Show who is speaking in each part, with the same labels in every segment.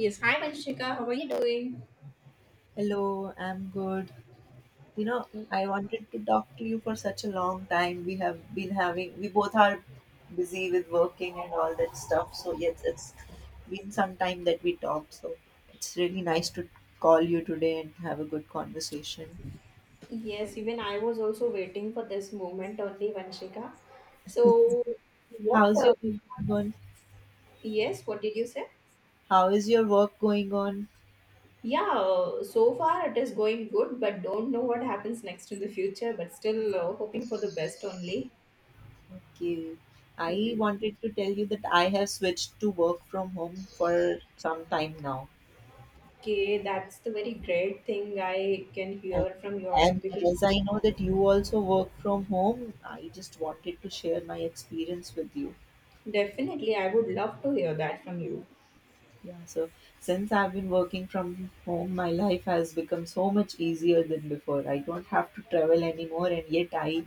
Speaker 1: Yes, hi Vanshika, how are you doing?
Speaker 2: Hello, I'm good. You know, I wanted to talk to you for such a long time. We have been having, we both are busy with working and all that stuff. So, yes, it's been some time that we talked. So, it's really nice to call you today and have a good conversation.
Speaker 1: Yes, even I was also waiting for this moment only, Vanshika. So, what?
Speaker 2: How's your week going?
Speaker 1: Yes, what did you say?
Speaker 2: How is your work going on?
Speaker 1: Yeah, so far it is going good, but don't know what happens next in the future. But still hoping for the best only.
Speaker 2: Okay. I
Speaker 1: Yes.
Speaker 2: wanted to tell you that I have switched to work from home for some time now.
Speaker 1: Okay, that's the very great thing I can
Speaker 2: And,
Speaker 1: hear from your
Speaker 2: and
Speaker 1: end, because
Speaker 2: as I know that you also work from home, I just wanted to share my experience with you.
Speaker 1: definitely I would love to hear that from you.
Speaker 2: Yeah, so since I've been working from home, my life has become so much easier than before. I don't have to travel anymore, and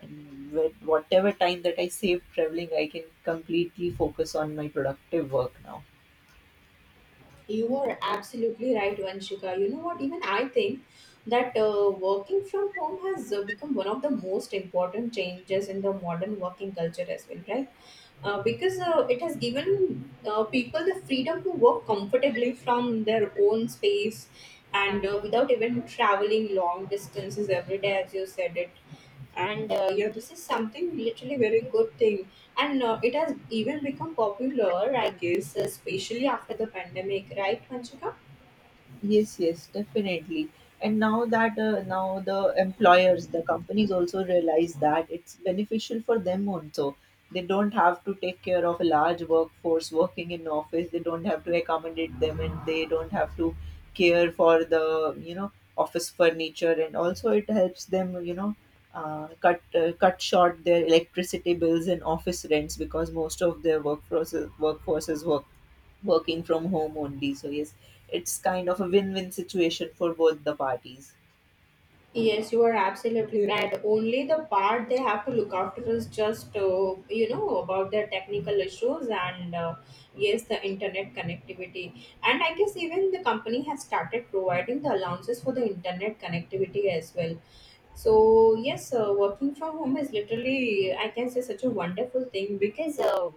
Speaker 2: and with whatever time that I save traveling, I can completely focus on my productive work now.
Speaker 1: You are absolutely right, Vanshika. You know what? Even I think that working from home has become one of the most important changes in the modern working culture as well, right? Because it has given people the freedom to work comfortably from their own space, and without even traveling long distances every day, as you said it. And yeah, this is something literally very good thing, and it has even become popular, I guess, especially after the pandemic, right Vanchika?
Speaker 2: Yes, yes, definitely. And now the employers, the companies also realize that it's beneficial for them also. They don't have to take care of a large workforce working in office. They don't have to accommodate them, and they don't have to care for the office furniture. And also, it helps them cut cut short their electricity bills and office rents because most of their workforce is working from home only. So yes, it's kind of a win-win situation for both the parties.
Speaker 1: Yes, you are absolutely right. Only the part they have to look after is just, about their technical issues, and, yes, the internet connectivity. And I guess even the company has started providing the allowances for the internet connectivity as well. So, yes, working from home is literally, I can say, such a wonderful thing, because uh,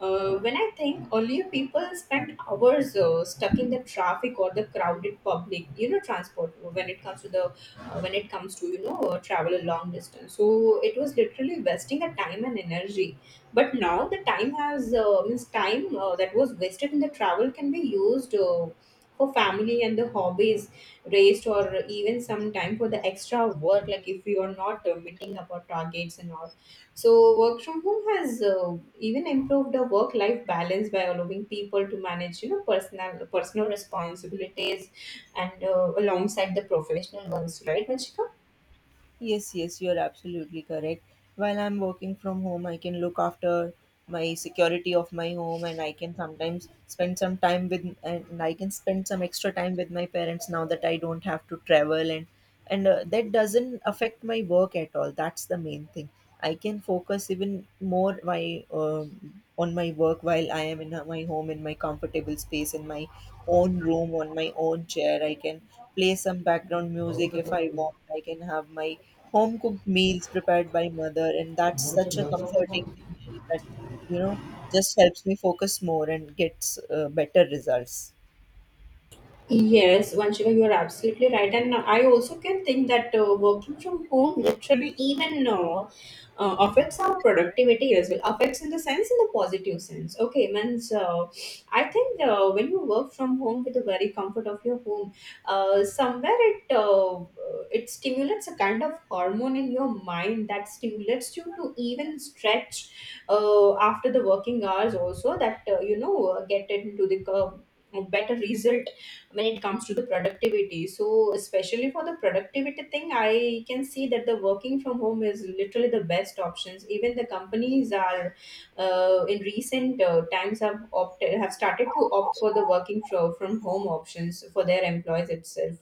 Speaker 1: uh, when I think earlier people spent hours stuck in the traffic or the crowded public transport, when it comes to the when it comes to travel a long distance. So it was literally wasting a time and energy, but now the time has means time that was wasted in the travel can be used for family and the hobbies raised, or even some time for the extra work, like if we are not meeting up our targets and all. So, work from home has even improved the work-life balance by allowing people to manage personal responsibilities, and alongside the professional ones, right, Vanshika?
Speaker 2: Yes, yes, you're absolutely correct. While I'm working from home, I can look after my security of my home and I can sometimes spend some time with and I can spend some extra time with my parents now that I don't have to travel and that doesn't affect my work at all. That's the main thing. I can focus even more my on my work while I am in my home, in my comfortable space, in my own room, on my own chair. I can play some background music if I want. I can have my home cooked meals prepared by mother, and that's such a comforting thing that you know just helps me focus more and gets better results.
Speaker 1: Yes, Vanshika, you are absolutely right, and I also can think that working from home literally even affects our productivity as well, affects in the sense in the positive sense, okay, means I think when you work from home with the very comfort of your home, somewhere it stimulates a kind of hormone in your mind that stimulates you to even stretch after the working hours also, that get into the curve a better result when it comes to the productivity. So, especially for the productivity thing, I can see that the working from home is literally the best options. Even the companies are in recent times have started to opt for the working from home options for their employees itself.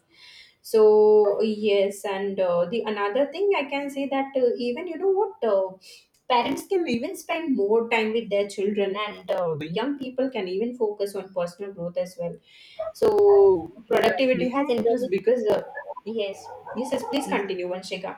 Speaker 1: So yes, and the another thing I can say that even you know what, parents can even spend more time with their children, and young people can even focus on personal growth as well. So productivity
Speaker 2: Exactly.
Speaker 1: has
Speaker 2: Does
Speaker 1: increased
Speaker 2: it?
Speaker 1: because yes, yes, yes, please
Speaker 2: Yes,
Speaker 1: continue Vanshika.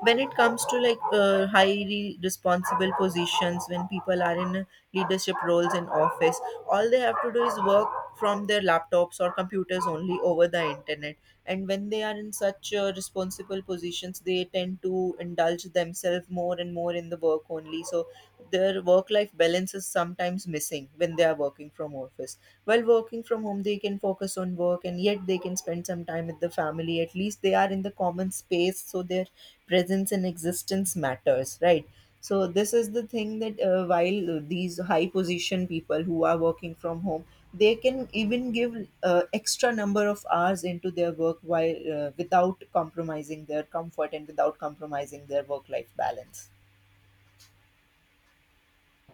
Speaker 2: when it comes to like highly responsible positions, when people are in leadership roles in office, all they have to do is work from their laptops or computers only over the internet. And when they are in such responsible positions, they tend to indulge themselves more and more in the work only. So their work life balance is sometimes missing when they are working from office. While working from home, they can focus on work and yet they can spend some time with the family. At least they are in the common space, so their presence and existence matters, right? So this is the thing, that while these high position people who are working from home, they can even give extra number of hours into their work, while without compromising their comfort and without compromising their work life balance.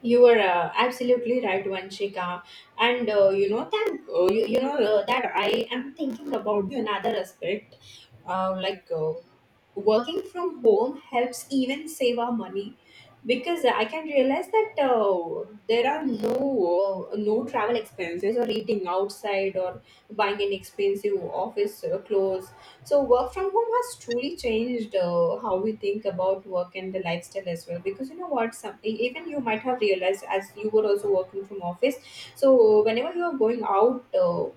Speaker 1: You are absolutely right Vanshika, and you know that you know that I am thinking about another aspect, like, working from home helps even save our money, because I can realize that there are no no travel expenses, or eating outside, or buying an expensive office clothes. So work from home has truly changed how we think about work and the lifestyle as well. Because you know what, some even you might have realized, as you were also working from office. So whenever you are going out, Uh,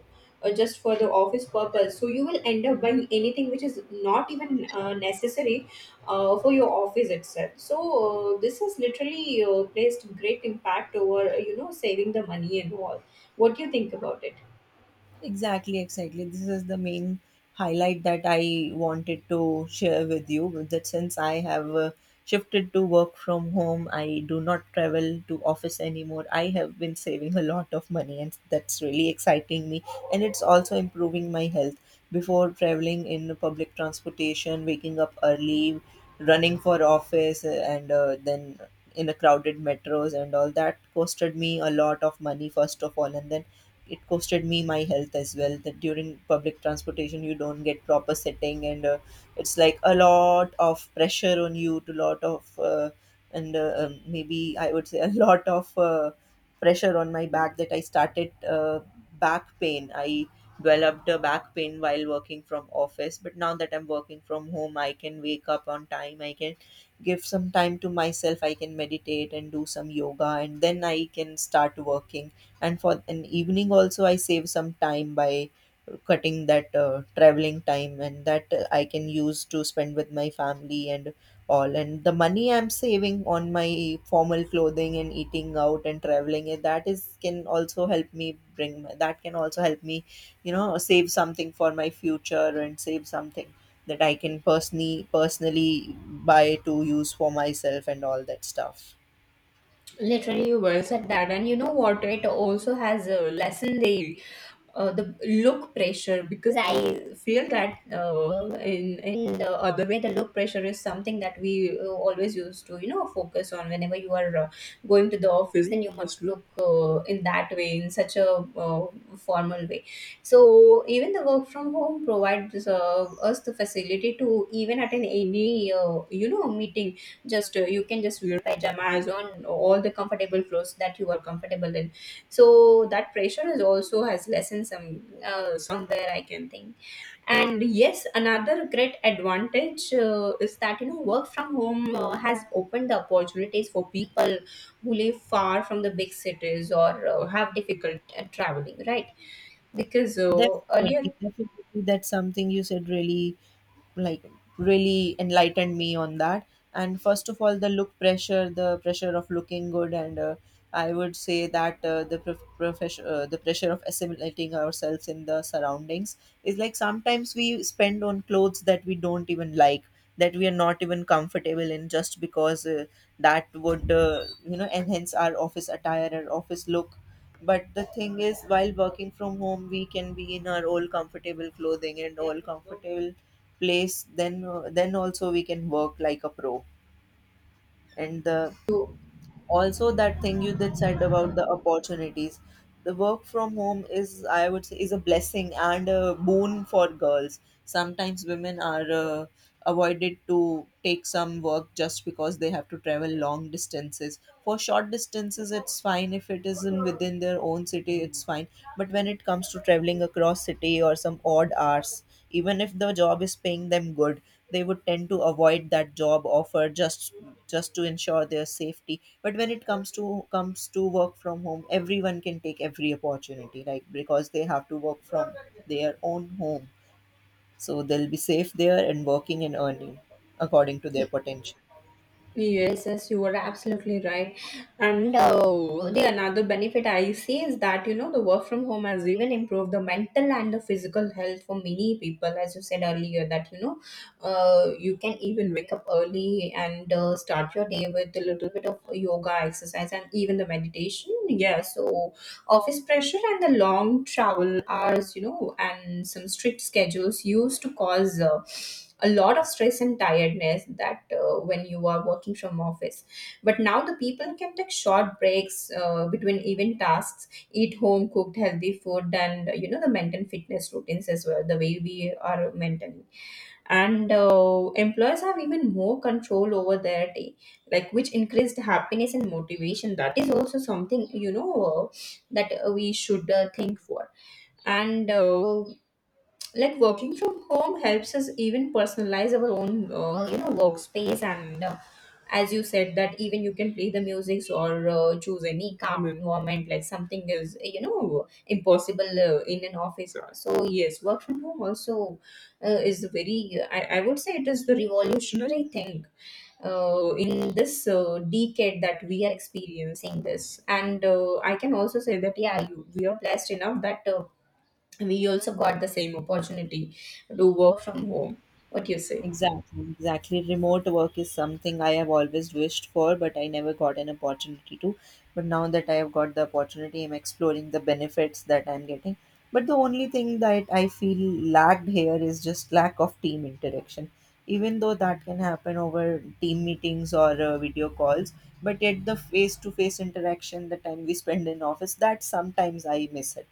Speaker 1: uh, just for the office purpose, so you will end up buying anything which is not even necessary for your office itself. So this has literally placed great impact over saving the money and all. What do you think about it?
Speaker 2: Exactly, exactly. This is the main highlight that I wanted to share with you. That since I have shifted to work from home, I do not travel to office anymore. I have been saving a lot of money, and that's really exciting me. And it's also improving my health. Before, traveling in public transportation, waking up early, running for office, and then in the crowded metros and all, that costed me a lot of money first of all, and then it costed me my health as well. That during public transportation you don't get proper sitting, and it's like a lot of pressure on you, to lot of and maybe I would say a lot of pressure on my back, that I developed a back pain while working from office. But now that I'm working from home, I can wake up on time, I can give some time to myself, I can meditate and do some yoga and then I can start working. And for an evening also, I save some time by cutting that traveling time, and that I can use to spend with my family and all. And the money I'm saving on my formal clothing and eating out and traveling, that is, can also help me bring my- that can also help me, you know, save something for my future and save something that I can personally buy to use for myself and all that stuff.
Speaker 1: Literally, you well said that, and you know what? It also has a lesson day. The look pressure, because I feel that in the other way the look pressure is something that we always used to focus on whenever you are going to the office. Then you must look in that way, in such a uh, formal way. So even the work from home provides us the facility to even attend any meeting. Just, you can just wear pajamas on all the comfortable clothes that you are comfortable in. So that pressure is also has lessened some, somewhere I can think. And yes, another great advantage is that work from home has opened the opportunities for people who live far from the big cities, or have difficult traveling, right? Because
Speaker 2: Definitely,
Speaker 1: earlier
Speaker 2: definitely. That's something you said, really, like, really enlightened me on that. And first of all, the look pressure, the pressure of looking good, and I would say that the prof- profession the pressure of assimilating ourselves in the surroundings, is like, sometimes we spend on clothes that we don't even like, that we are not even comfortable in, just because that would, you know, enhance our office attire, our office look. But the thing is, while working from home, we can be in our old comfortable clothing and all comfortable place. Then also we can work like a pro. And the
Speaker 1: you.
Speaker 2: also that thing you did said about the opportunities, the work from home, is, I would say, is a blessing and a boon for girls. Sometimes women are avoided to take some work just because they have to travel long distances. For short distances it's fine, if it is in within their own city it's fine. But when it comes to traveling across city or some odd hours, even if the job is paying them good, they would tend to avoid that job offer, just to ensure their safety. But when it comes to work from home, everyone can take every opportunity, right? Because they have to work from their own home, so they'll be safe there, and working and earning according to their potential.
Speaker 1: Yes, yes, you are absolutely right. And the another benefit I see is that the work from home has even improved the mental and the physical health for many people. As you said earlier, that you can even wake up early and start your day with a little bit of yoga exercise, and even the meditation. Yeah, so office pressure and the long travel hours and some strict schedules used to cause a lot of stress and tiredness that when you are working from office. But now the people can take short breaks between even tasks, eat home cooked healthy food, and the maintain fitness routines as well. The way we are maintained, and employers have even more control over their day, like which increased happiness and motivation. That is also something that we should think for. And like, working from home helps us even personalize our own workspace. And as you said that, even you can play the musics, or choose any calm environment, like something is impossible in an office. So yes, work from home also is a very, I would say, it is the revolutionary thing in this decade that we are experiencing this. And I can also say that, yeah, we are blessed enough that we also got the same opportunity to work from home. What do you say?
Speaker 2: Exactly, exactly. Remote work is something I have always wished for, but I never got an opportunity to. But now that I have got the opportunity, I'm exploring the benefits that I'm getting. But the only thing that I feel lacked here is just lack of team interaction. Even though that can happen over team meetings or video calls, but yet the face to face interaction, the time we spend in office, that sometimes I miss it.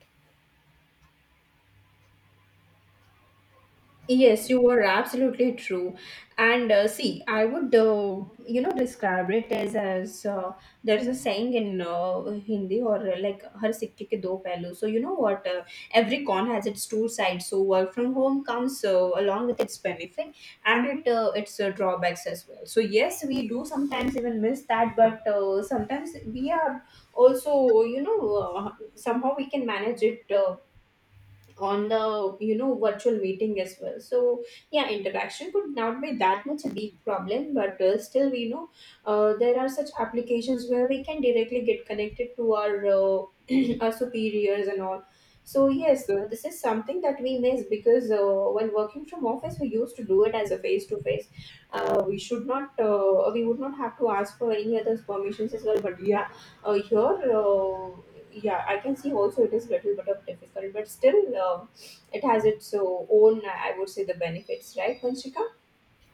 Speaker 1: Yes, you are absolutely true. And see, I would, describe it as there's a saying in Hindi, or like "हर सिक्के के दो पहलू." So you know what? Every coin has its two sides. So work from home comes along with its benefit, and it its drawbacks as well. So yes, we do sometimes even miss that, but sometimes we are also, somehow we can manage it. On the virtual meeting as well. So yeah, interaction could not be that much a big problem, but still we know, there are such applications where we can directly get connected to our our superiors and all. So yes, this is something that we miss because when working from office we used to do it as a face to face. We should not, we would not have to ask for any other permissions as well, but yeah, here, yeah I can see also it is little bit of difficult, but still uh, it has its own, I would say, the benefits, right vanshika?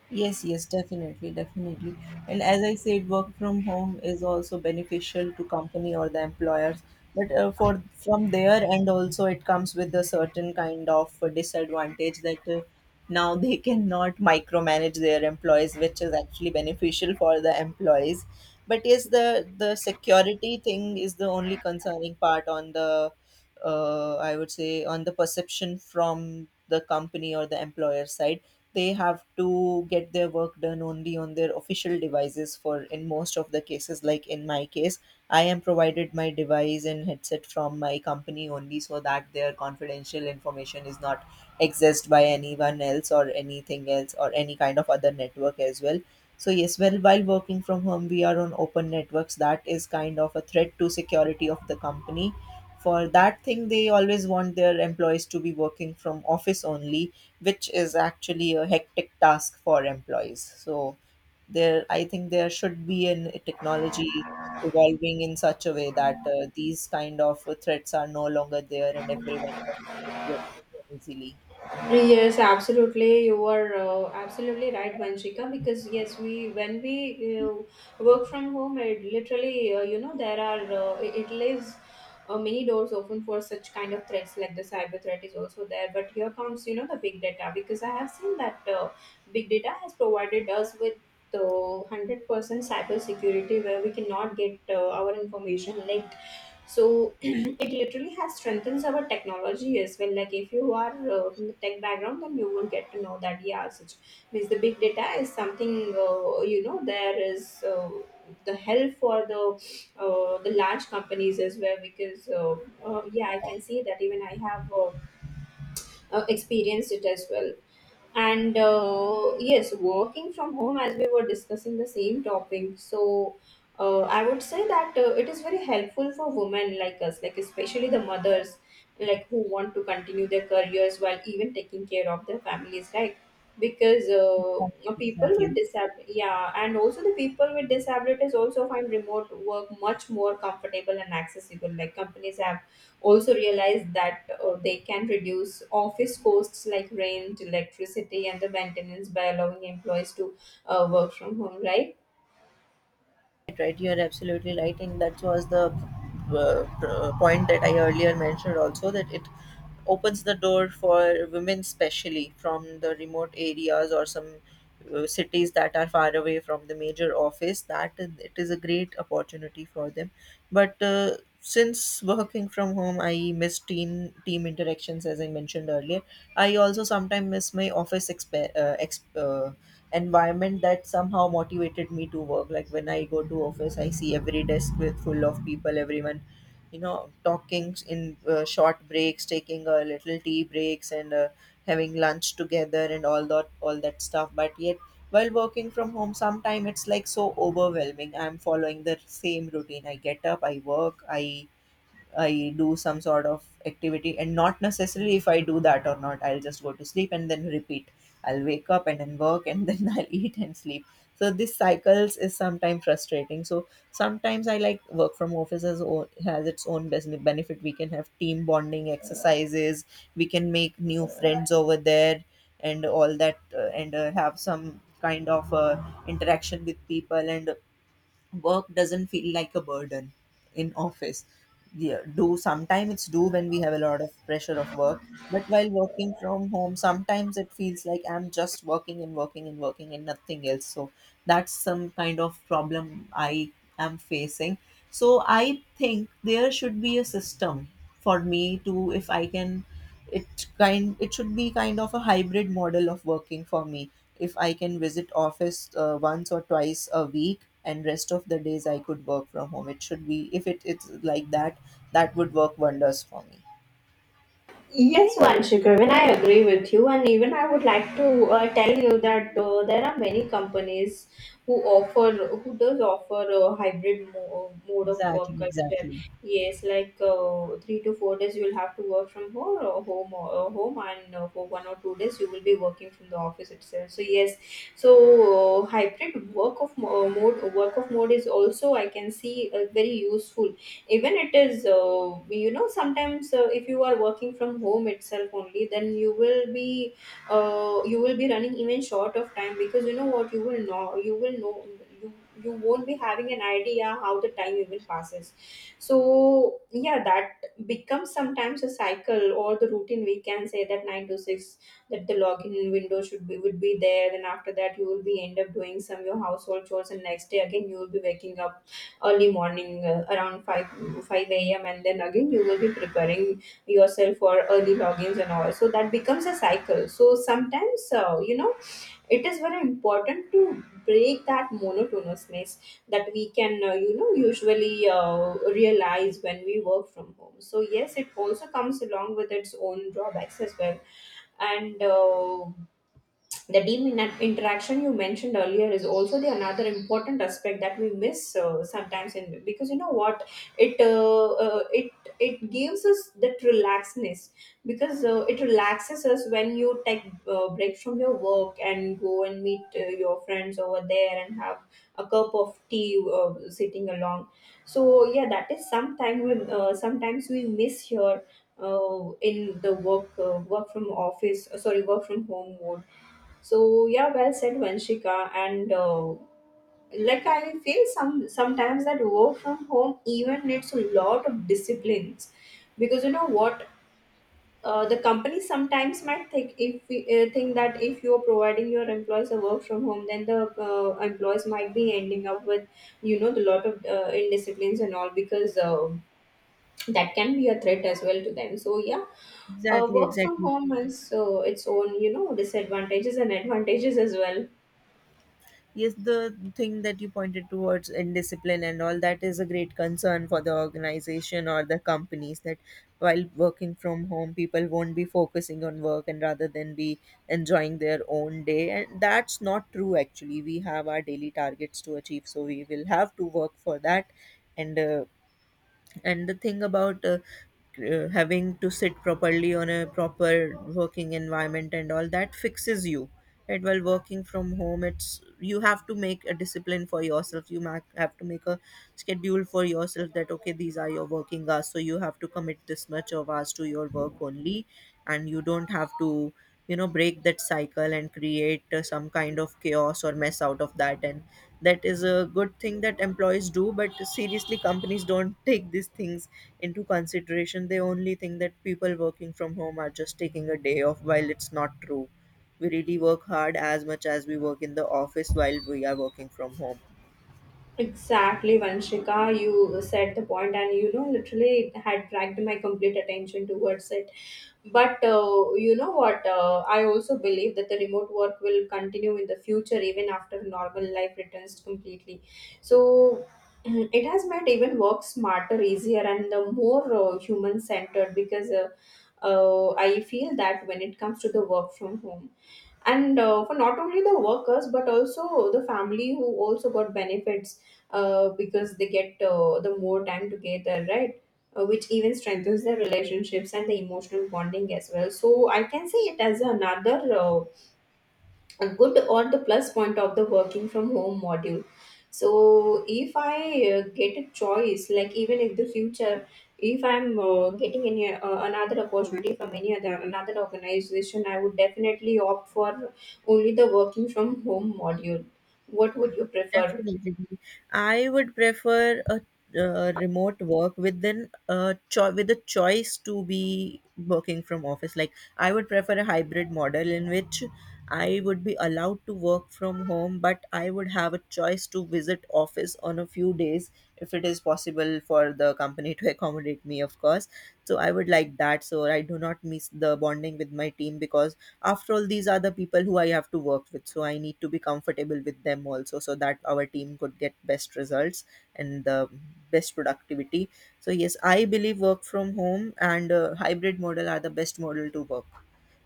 Speaker 2: Yes, yes, definitely, definitely. And as I said, work from home is also beneficial to company or the employers. But for from there, and also it comes with a certain kind of disadvantage, that now they cannot micromanage their employees, which is actually beneficial for the employees. But yes, the security thing is the only concerning part on the I would say on the perception from the company or the employer side. They have to get their work done only on their official devices, for in most of the cases, like in my case, I am provided my device and headset from my company only, so that their confidential information is not accessed by anyone else or anything else or any kind of other network as well. So yes, well, while working from home we are on open networks, that is kind of a threat to security of the company. For that thing, they always want their employees to be working from office only, which is actually a hectic task for employees. So there, I think there should be an a technology evolving in such a way that these kind of threats are no longer there and everyone can access it easily.
Speaker 1: Yes, absolutely. You are absolutely right, Vanshika. Because yes, we when we work from home, it literally there are it leaves many doors open for such kind of threats. Like the cyber threat is also there. But here comes the big data, because I have seen that big data has provided us with the 100% cyber security where we cannot get our information leaked. So it literally has strengthens our technology as well. Like, if you are from the tech background, then you will get to know that yeah, such means the big data is something, there is the help for the large companies as well. Because yeah, I can see that. Even I have experienced it as well. And yes, working from home, as we were discussing the same topic. So I would say that it is very helpful for women like us, like especially the mothers, like who want to continue their careers while even taking care of their families, right? Because people with
Speaker 2: Exactly.
Speaker 1: disability, yeah, and also the people with disabilities also find remote work much more comfortable and accessible. Like, companies have also realized that they can reduce office costs like rent, electricity, and the maintenance by allowing employees to work from home, right?
Speaker 2: Right, you are absolutely right, and that was the point that I earlier mentioned also, that it opens the door for women, especially from the remote areas or some cities that are far away from the major office. It is a great opportunity for them. But since working from home, I miss team interactions, as I mentioned earlier. I also sometimes miss my office environment that somehow motivated me to work. Like, when I go to office, I see every desk with full of people, everyone, you know, talking in short breaks, taking a little tea breaks, and having lunch together and all that, all that stuff. But yet, while working from home, sometime it's like so overwhelming. I'm following the same routine: I get up, I work, I do some sort of activity, and not necessarily if I do that or not, I'll just go to sleep and then repeat. I'll wake up and then work and then I'll eat and sleep. So this cycles is sometimes frustrating. So sometimes I like work from office, as has its own benefit. We can have team bonding exercises. We can make new friends over there and all that, and have some kind of interaction with people, and work doesn't feel like a burden in office. Yeah, do sometimes it's do when we have a lot of pressure of work. But while working from home sometimes it feels like I'm just working and working and working and nothing else. So that's some kind of problem I am facing. So I think there should be a system for me to if I can, it should be kind of a hybrid model of working for me. If I can visit office once or twice a week and rest of the days I could work from home. It should be if it, it's like that, that would work wonders for me.
Speaker 1: Yes, Vanshu, Pravin, I agree with you, and even I would like to tell you that there are many companies who offer, who does offer a hybrid mode of work
Speaker 2: Exactly,
Speaker 1: culture.
Speaker 2: exactly.
Speaker 1: Yes, like 3 to 4 days you will have to work from home, and for 1 or 2 days you will be working from the office itself. So yes, so hybrid work of mode is also, I can see, very useful. Even it is, sometimes, if you are working from home itself only, then you will be running even short of time. Because you know what, you will know you will know you you won't be having an idea how the time even passes. So yeah, that becomes sometimes a cycle or the routine, we can say that. 9 to 6, that the login window should be would be there. Then after that, you will be end up doing some your household chores, and next day again you will be waking up early morning, around 5 5 a.m, and then again you will be preparing yourself for early logins and all. So that becomes a cycle. So sometimes, it is very important to break that monotonousness that we can, usually realize when we work from home. So yes, it also comes along with its own drawbacks as well. And the team interaction you mentioned earlier is also the another important aspect that we miss, sometimes, in. Because you know what, it uh, uh, it it gives us that relaxedness. Because it relaxes us when you take breaks from your work and go and meet your friends over there and have a cup of tea, sitting along. So yeah, that is sometime we sometimes we miss here, in the work from office, sorry, work from home mode. So yeah, well said, Vanshika. And like, I feel sometimes that work from home even needs a lot of disciplines, because you know what. The company sometimes might think, if think that if you are providing your employees a work from home, then the employees might be ending up with, the lot of indisciplines and all, because that can be a threat as well to them. So yeah,
Speaker 2: Exactly,
Speaker 1: work from
Speaker 2: exactly.
Speaker 1: home has its own, disadvantages and advantages as well.
Speaker 2: Yes, the thing that you pointed towards indiscipline and all that is a great concern for the organization or the companies that while working from home, people won't be focusing on work and rather than be enjoying their own day. And that's not true, actually. We have our daily targets to achieve, so we will have to work for that. And uh, and the thing about having to sit properly on a proper working environment and all that fixes you. And while working from home it's you have to make a discipline for yourself, you have to make a schedule for yourself that okay, these are your working hours, so you have to commit this much of hours to your work only. And you don't have to, you know, break that cycle and create some kind of chaos or mess out of that. And that is a good thing that employees do, but seriously companies don't take these things into consideration. They only think that people working from home are just taking a day off, while it's not true. We really work hard as much as we work in the office while we are working from home.
Speaker 1: Exactly, Vanshika. You said the point, and, literally, it had dragged my complete attention towards it. But you know what? I also believe that the remote work will continue in the future, even after normal life returns completely. So, it has made even work smarter, easier, and the more human centered, because I feel that when it comes to the work from home and for not only the workers but also the family who also got benefits, because they get the more time together, right? Which even strengthens their relationships and the emotional bonding as well. So I can say it as another, a good or the plus point of the working from home module. So if I get a choice, like even if the future, if I'm getting any another opportunity from any other another organization, I would definitely opt for only the working from home module. What would you prefer?
Speaker 2: Definitely. I would prefer a remote work with then a with a choice to be working from office. Like I would prefer a hybrid model in which I would be allowed to work from home, but I would have a choice to visit office on a few days, if it is possible for the company to accommodate me, of course. So I would like that, so I do not miss the bonding with my team, because after all these are the people who I have to work with, so I need to be comfortable with them also so that our team could get best results and the best productivity. So yes, I believe work from home and hybrid model are the best model to work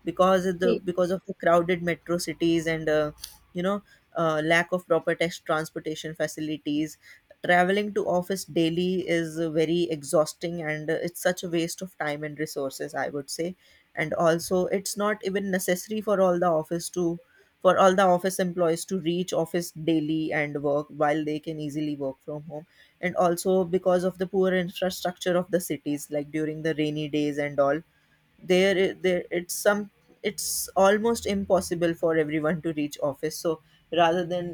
Speaker 2: because of the crowded metro cities and, you know, lack of proper test transportation facilities. Traveling to office daily is very exhausting, and it's such a waste of time and resources, I would say. And also it's not even necessary for all the office to for all the office employees to reach office daily and work while they can easily work from home. And also because of the poor infrastructure of the cities, like during the rainy days and all, there it's some it's almost impossible for everyone to reach office. So rather than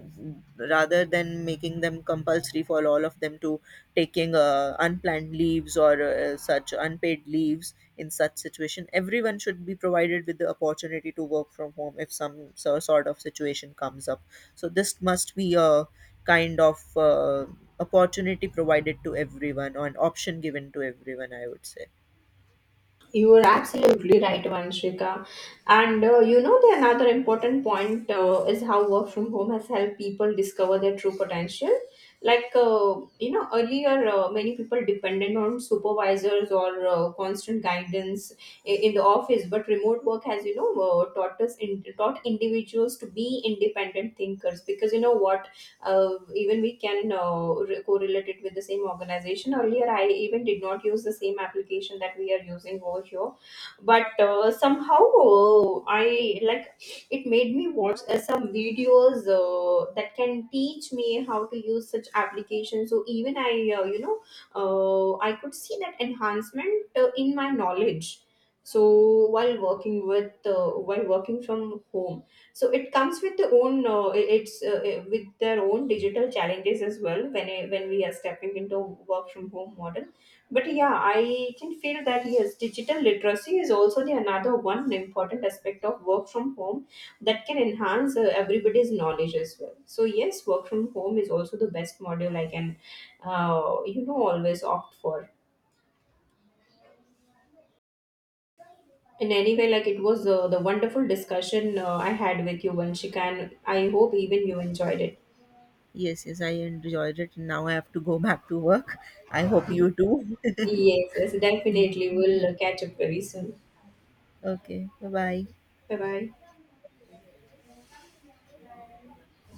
Speaker 2: rather than making them compulsory for all of them to taking unplanned leaves or such unpaid leaves in such situation, everyone should be provided with the opportunity to work from home if sort of situation comes up. So this must be a kind of opportunity provided to everyone, or an option given to everyone, I would say.
Speaker 1: You are absolutely right, Vanshika. And the another important point is how work from home has helped people discover their true potential. Like, earlier many people depended on supervisors or constant guidance in the office, but remote work has, taught individuals to be independent thinkers. Because you know what, even we can correlate it with the same organization. Earlier I even did not use the same application that we are using over here. But somehow, I, like, it made me watch some videos that can teach me how to use such applications. So even I you know I could see that enhancement in my knowledge. So while working with while working from home, so it comes with the own it's with their own digital challenges as well. When we are stepping into work from home model. But yeah, I can feel that yes, digital literacy is also the another one important aspect of work from home that can enhance everybody's knowledge as well. So yes, work from home is also the best model I can, always opt for in any way. Like, it was the wonderful discussion I had with you, Vanshika, and I hope even you enjoyed it.
Speaker 2: Yes, yes, I enjoyed it. Now I have to go back to work. I hope you too.
Speaker 1: Yes, yes, definitely. We'll catch up very soon.
Speaker 2: Okay, bye bye.
Speaker 1: Bye bye.